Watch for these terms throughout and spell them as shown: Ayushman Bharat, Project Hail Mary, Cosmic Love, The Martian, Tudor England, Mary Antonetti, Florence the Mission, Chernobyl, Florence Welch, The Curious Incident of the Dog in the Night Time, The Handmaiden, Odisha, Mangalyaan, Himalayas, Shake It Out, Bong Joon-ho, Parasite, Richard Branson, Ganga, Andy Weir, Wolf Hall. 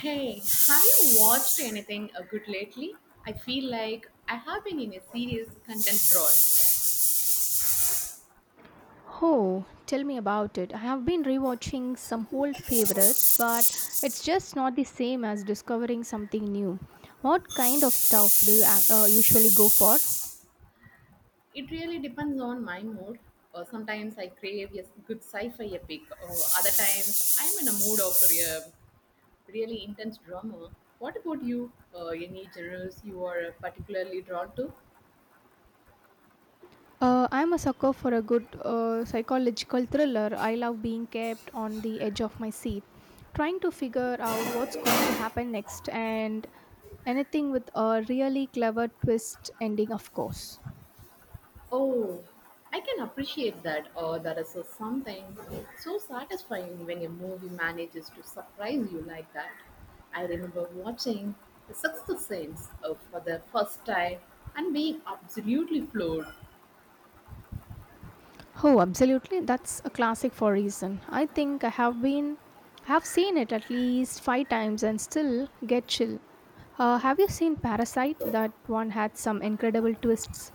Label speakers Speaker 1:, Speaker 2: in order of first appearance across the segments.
Speaker 1: Hey, have you watched anything good lately? I feel like I have been in a serious content drought.
Speaker 2: Oh, tell me about it. I have been rewatching some old favorites, but it's just not the same as discovering something new. What kind of stuff do you usually go for?
Speaker 1: It really depends on my mood. Sometimes I crave a good sci-fi epic, or other times I'm in a mood of a really intense drama. What about you? Any genres you are particularly drawn to?
Speaker 2: I'm a sucker for a good psychological thriller. I love being kept on the edge of my seat, trying to figure out what's going to happen next, and anything with a really clever twist ending, of course.
Speaker 1: Oh, I can appreciate that. Or there is a something so satisfying when a movie manages to surprise you like that. I remember watching The Sixth Sense for the first time and being absolutely floored.
Speaker 2: Oh, absolutely. That's a classic for a reason. I think I have been have seen it at least 5 times and still get chill. Have you seen Parasite? That one had some incredible twists.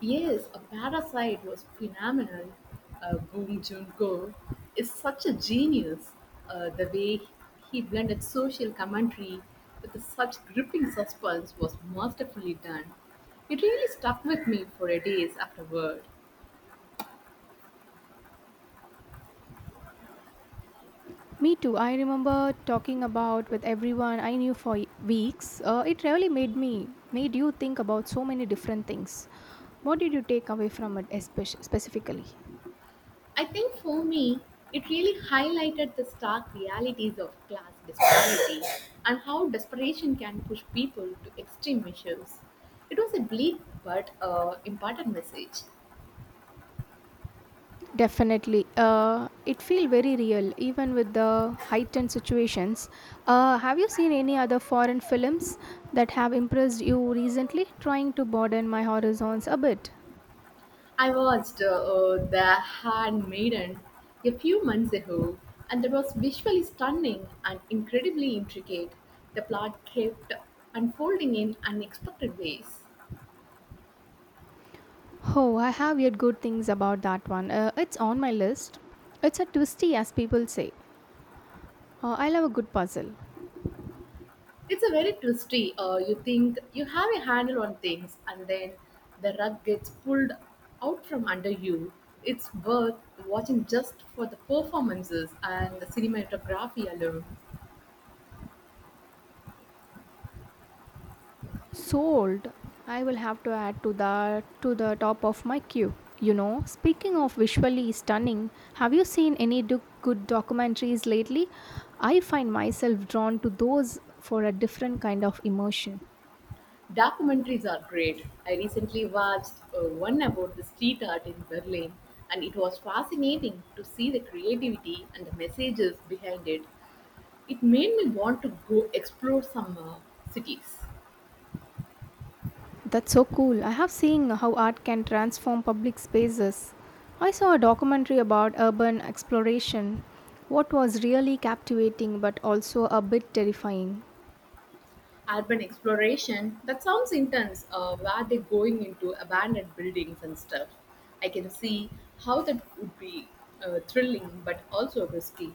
Speaker 1: Yes, a parasite was phenomenal. Bong Joon-ho is such a genius. The way he blended social commentary with such gripping suspense was masterfully done. It really stuck with me for a days afterward.
Speaker 2: Me too. I remember talking about with everyone I knew for weeks. It really made you think about so many different things. What did you take away from it specifically?
Speaker 1: I think for me, it really highlighted the stark realities of class disparity and how desperation can push people to extreme measures. It was a bleak but important message.
Speaker 2: Definitely. It feel very real, even with the heightened situations. Have you seen any other foreign films that have impressed you recently? Trying to broaden my horizons a bit.
Speaker 1: I watched The Handmaiden a few months ago, and it was visually stunning and incredibly intricate. The plot kept unfolding in unexpected ways.
Speaker 2: Oh, I have heard good things about that one. It's on my list. It's a twisty, as people say. I love a good puzzle.
Speaker 1: It's a very twisty. You think you have a handle on things, and then the rug gets pulled out from under you. It's worth watching just for the performances and the cinematography alone.
Speaker 2: Sold. I will have to add to that to the top of my queue. You know, speaking of visually stunning, have you seen any good documentaries lately? I find myself drawn to those for a different kind of emotion.
Speaker 1: Documentaries are great. I recently watched one about the street art in Berlin, and it was fascinating to see the creativity and the messages behind it. It made me want to go explore some cities.
Speaker 2: That's so cool. I have seen how art can transform public spaces. I saw a documentary about urban exploration. What was really captivating but also a bit terrifying.
Speaker 1: Urban exploration, that sounds intense. Where they're going into abandoned buildings and stuff. I can see how that would be thrilling but also risky.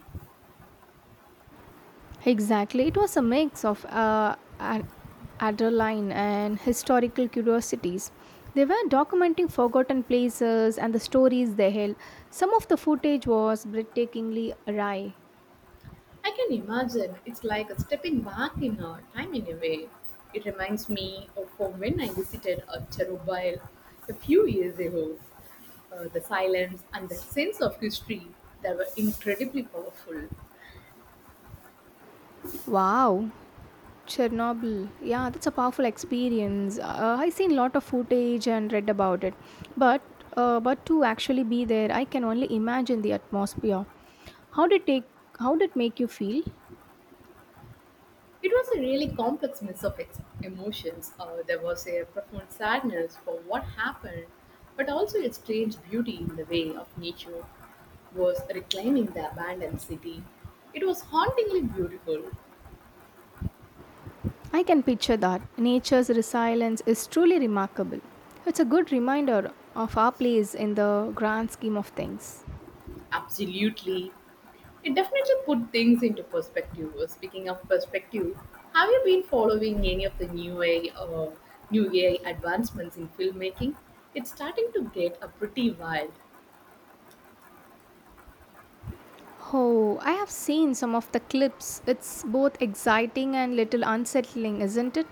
Speaker 2: Exactly. It was a mix of adrenaline and historical curiosities. They were documenting forgotten places and the stories they held. Some of the footage was breathtakingly awry.
Speaker 1: I can imagine. It's like a stepping back in our time in a way. It reminds me of when I visited a Chernobyl a few years ago. The silence and the sense of history that were incredibly powerful.
Speaker 2: Wow, Chernobyl. Yeah, that's a powerful experience. I seen a lot of footage and read about it, but but to actually be there, I can only imagine the atmosphere. How did take? How did it make you feel?
Speaker 1: It was a really complex mix of emotions. There was a profound sadness for what happened, but also a strange beauty in the way of nature was reclaiming the abandoned city. It was hauntingly beautiful.
Speaker 2: I can picture that. Nature's resilience is truly remarkable. It's a good reminder of our place in the grand scheme of things.
Speaker 1: Absolutely. It definitely put things into perspective. Speaking of perspective, have you been following any of the new AI advancements in filmmaking? It's starting to get a pretty wild.
Speaker 2: Oh, I have seen some of the clips. It's both exciting and little unsettling, isn't it?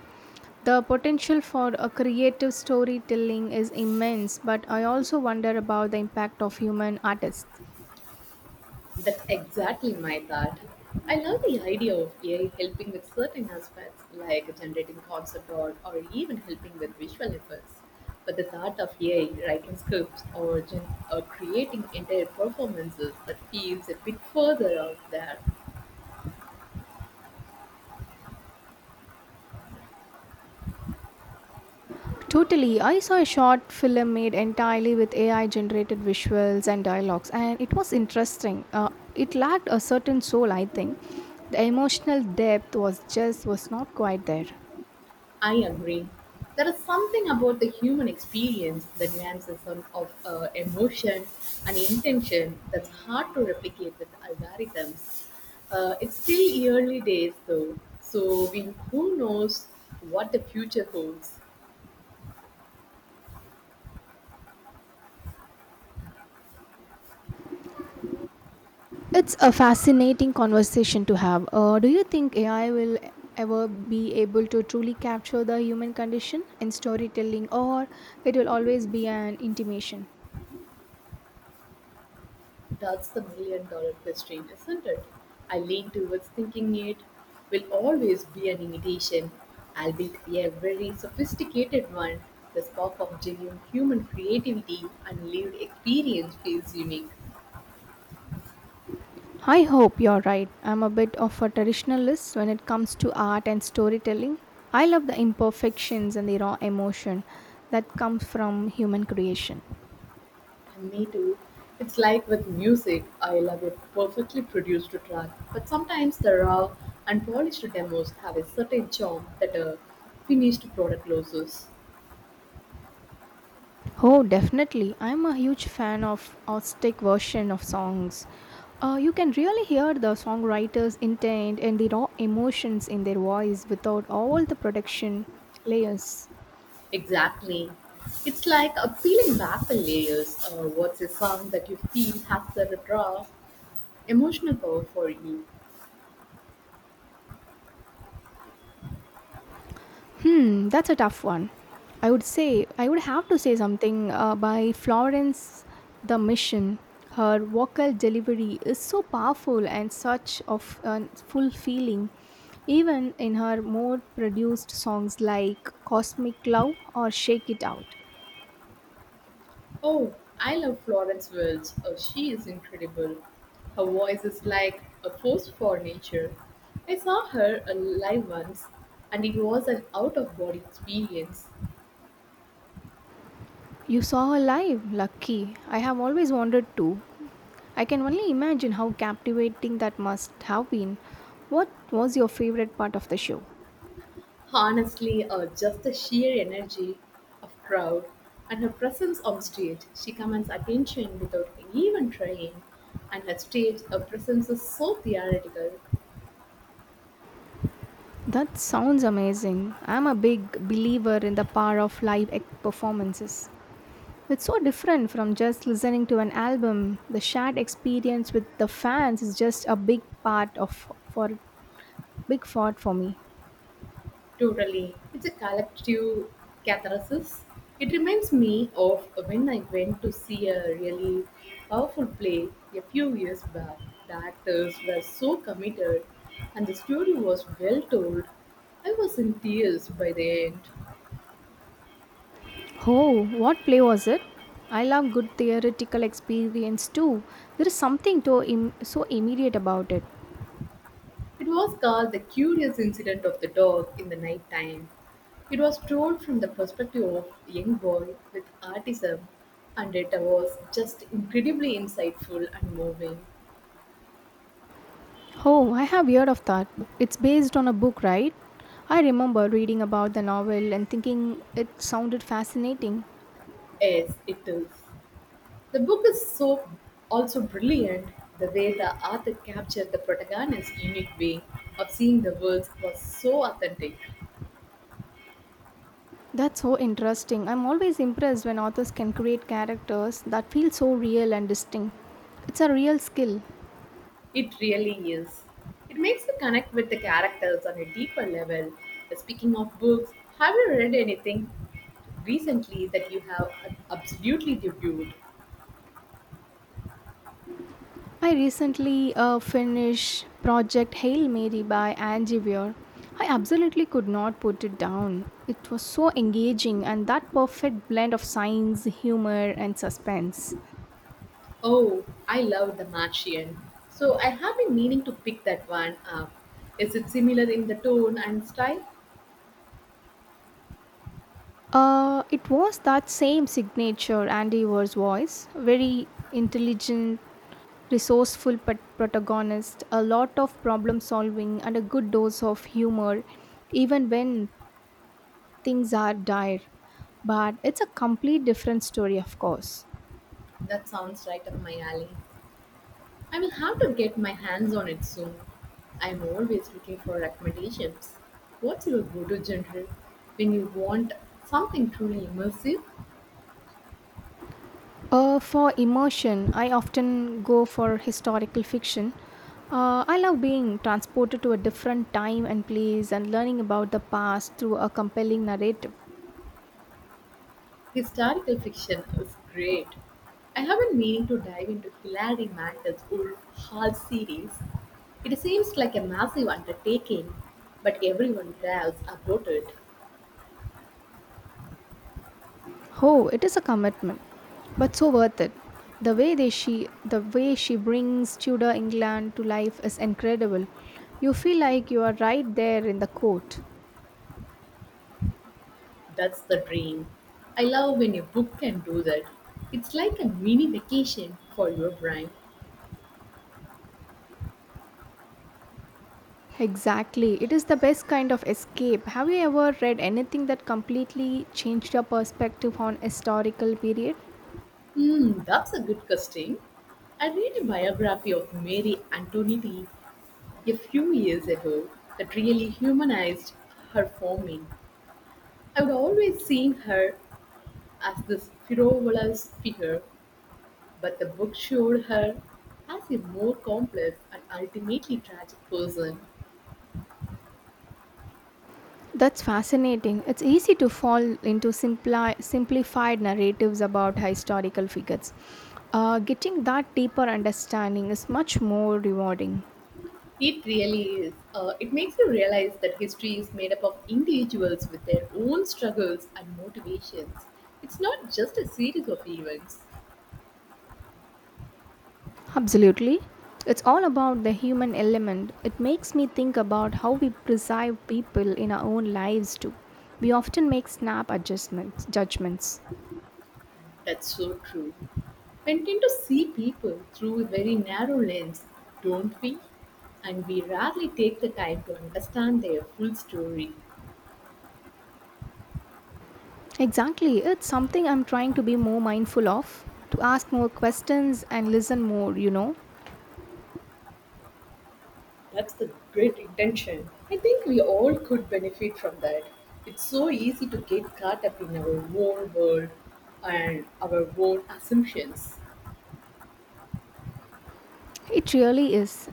Speaker 2: The potential for a creative storytelling is immense, but I also wonder about the impact of human artists.
Speaker 1: That's exactly my thought. I love the idea of AI helping with certain aspects like generating concept art or even helping with visual effects. But the thought of AI writing scripts or creating entire performances that feels a bit further out there.
Speaker 2: Totally. I saw a short film made entirely with AI generated visuals and dialogues, and it was interesting. It lacked a certain soul, I think. The emotional depth was not quite there.
Speaker 1: I agree. There is something about the human experience, the nuances of emotion and intention that's hard to replicate with algorithms. It's still early days though, who knows what the future holds.
Speaker 2: It's a fascinating conversation to have. Do you think AI will ever be able to truly capture the human condition in storytelling, or it will always be an intimation?
Speaker 1: That's the million dollar question, isn't it? I lean towards thinking it will always be an imitation, albeit a very sophisticated one. The spark of genuine human creativity and lived experience feels unique.
Speaker 2: I hope you're right. I'm a bit of a traditionalist when it comes to art and storytelling. I love the imperfections and the raw emotion that comes from human creation.
Speaker 1: And me too. It's like with music, I love a perfectly produced track, but sometimes the raw, unpolished demos have a certain charm that a finished product loses.
Speaker 2: Oh, definitely. I'm a huge fan of acoustic version of songs. You can really hear the songwriter's intent and the raw emotions in their voice without all the production layers.
Speaker 1: Exactly. It's like a peeling back the layers. What's a song that you feel has the raw emotional power for you?
Speaker 2: Hmm, that's a tough one. I would have to say something by Florence the Mission. Her vocal delivery is so powerful and such of a full feeling, even in her more produced songs like Cosmic Love or Shake It Out.
Speaker 1: Oh, I love Florence Welch. Oh, she is incredible. Her voice is like a force for nature. I saw her live once, and it was an out of body experience.
Speaker 2: You saw her live, lucky. I have always wanted to. I can only imagine how captivating that must have been. What was your favorite part of the show?
Speaker 1: Honestly, just the sheer energy of crowd and her presence on stage. She commands attention without even trying, and her presence is so theoretical.
Speaker 2: That sounds amazing. I'm a big believer in the power of live performances. It's so different from just listening to an album. The shared experience with the fans is just a big part for me.
Speaker 1: Totally, it's a collective catharsis. It reminds me of when I went to see a really powerful play a few years back. The actors were so committed, and the story was well told. I was in tears by the end.
Speaker 2: Oh, what play was it? I love good theoretical experience too. There is something to so immediate about it.
Speaker 1: It was called "The Curious Incident of the Dog in the Night Time." It was told from the perspective of a young boy with autism, and it was just incredibly insightful and moving.
Speaker 2: Oh, I have heard of that. It's based on a book, right? I remember reading about the novel and thinking it sounded fascinating.
Speaker 1: Yes, it is. The book is so also brilliant. The way the author captured the protagonist's unique way of seeing the world was so authentic.
Speaker 2: That's so interesting. I'm always impressed when authors can create characters that feel so real and distinct. It's a real skill.
Speaker 1: It really is. It makes you connect with the characters on a deeper level. Speaking of books, have you read anything recently that you have absolutely debuted.
Speaker 2: I recently finished Project Hail Mary by Angie Weir. I absolutely could not put it down. It was so engaging and that perfect blend of science, humor, and suspense.
Speaker 1: Oh, I love The Martian. So I have been meaning to pick that one up. Is it similar in the tone and style?
Speaker 2: It was that same signature Andy Weir's voice, very intelligent resourceful pet protagonist, a lot of problem solving, and a good dose of humor, even when things are dire. But it's a complete different story, of course.
Speaker 1: That sounds right up my alley. I will have to get my hands on it soon. I'm always looking for recommendations. What's your go to genre when you want something truly immersive?
Speaker 2: For immersion, I often go for historical fiction. I love being transported to a different time and place and learning about the past through a compelling narrative.
Speaker 1: Historical fiction is great. I have been meaning to dive into Hilary Mantel's Wolf Hall series. It seems like a massive undertaking, but everyone raves about it.
Speaker 2: Oh, it is a commitment, but so worth it. The way they she the way she brings Tudor England to life is incredible. You feel like you are right there in the court.
Speaker 1: That's the dream. I love when a book can do that. It's like a mini vacation for your brain.
Speaker 2: Exactly. It is the best kind of escape. Have you ever read anything that completely changed your perspective on historical period?
Speaker 1: Hmm, that's a good question. I read a biography of Mary Antonetti a few years ago that really humanized her for me. I'd always seen her as this frivolous figure, but the book showed her as a more complex and ultimately tragic person.
Speaker 2: That's fascinating. It's easy to fall into simplified narratives about historical figures. Getting that deeper understanding is much more rewarding.
Speaker 1: It really is. It makes you realize that history is made up of individuals with their own struggles and motivations. It's not just a series of events.
Speaker 2: Absolutely. It's all about the human element. It makes me think about how we perceive people in our own lives too. We often make judgments.
Speaker 1: That's so true. We tend to see people through a very narrow lens, don't we? And we rarely take the time to understand their full story.
Speaker 2: Exactly. It's something I'm trying to be more mindful of, to ask more questions and listen more, you know.
Speaker 1: That's the great intention. I think we all could benefit from that. It's so easy to get caught up in our own world and our own assumptions.
Speaker 2: It really is.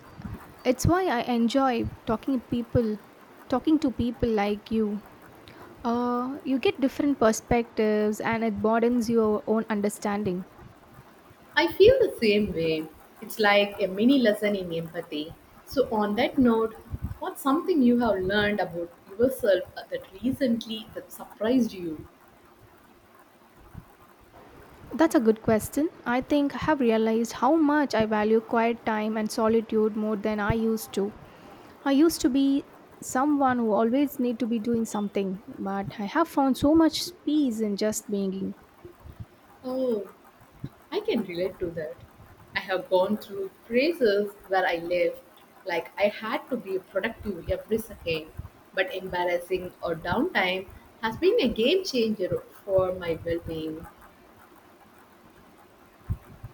Speaker 2: It's why I enjoy talking to people like you. You get different perspectives and it broadens your own understanding.
Speaker 1: I feel the same way. It's like a mini lesson in empathy. So, on that note, what's something you have learned about yourself that recently that surprised you?
Speaker 2: That's a good question. I think I have realized how much I value quiet time and solitude more than I used to. I used to be someone who always need to be doing something, but I have found so much peace in just being.
Speaker 1: Oh, I can relate to that. I have gone through phases where I lived like I had to be productive every second, but embarrassing or downtime has been a game changer for my well being.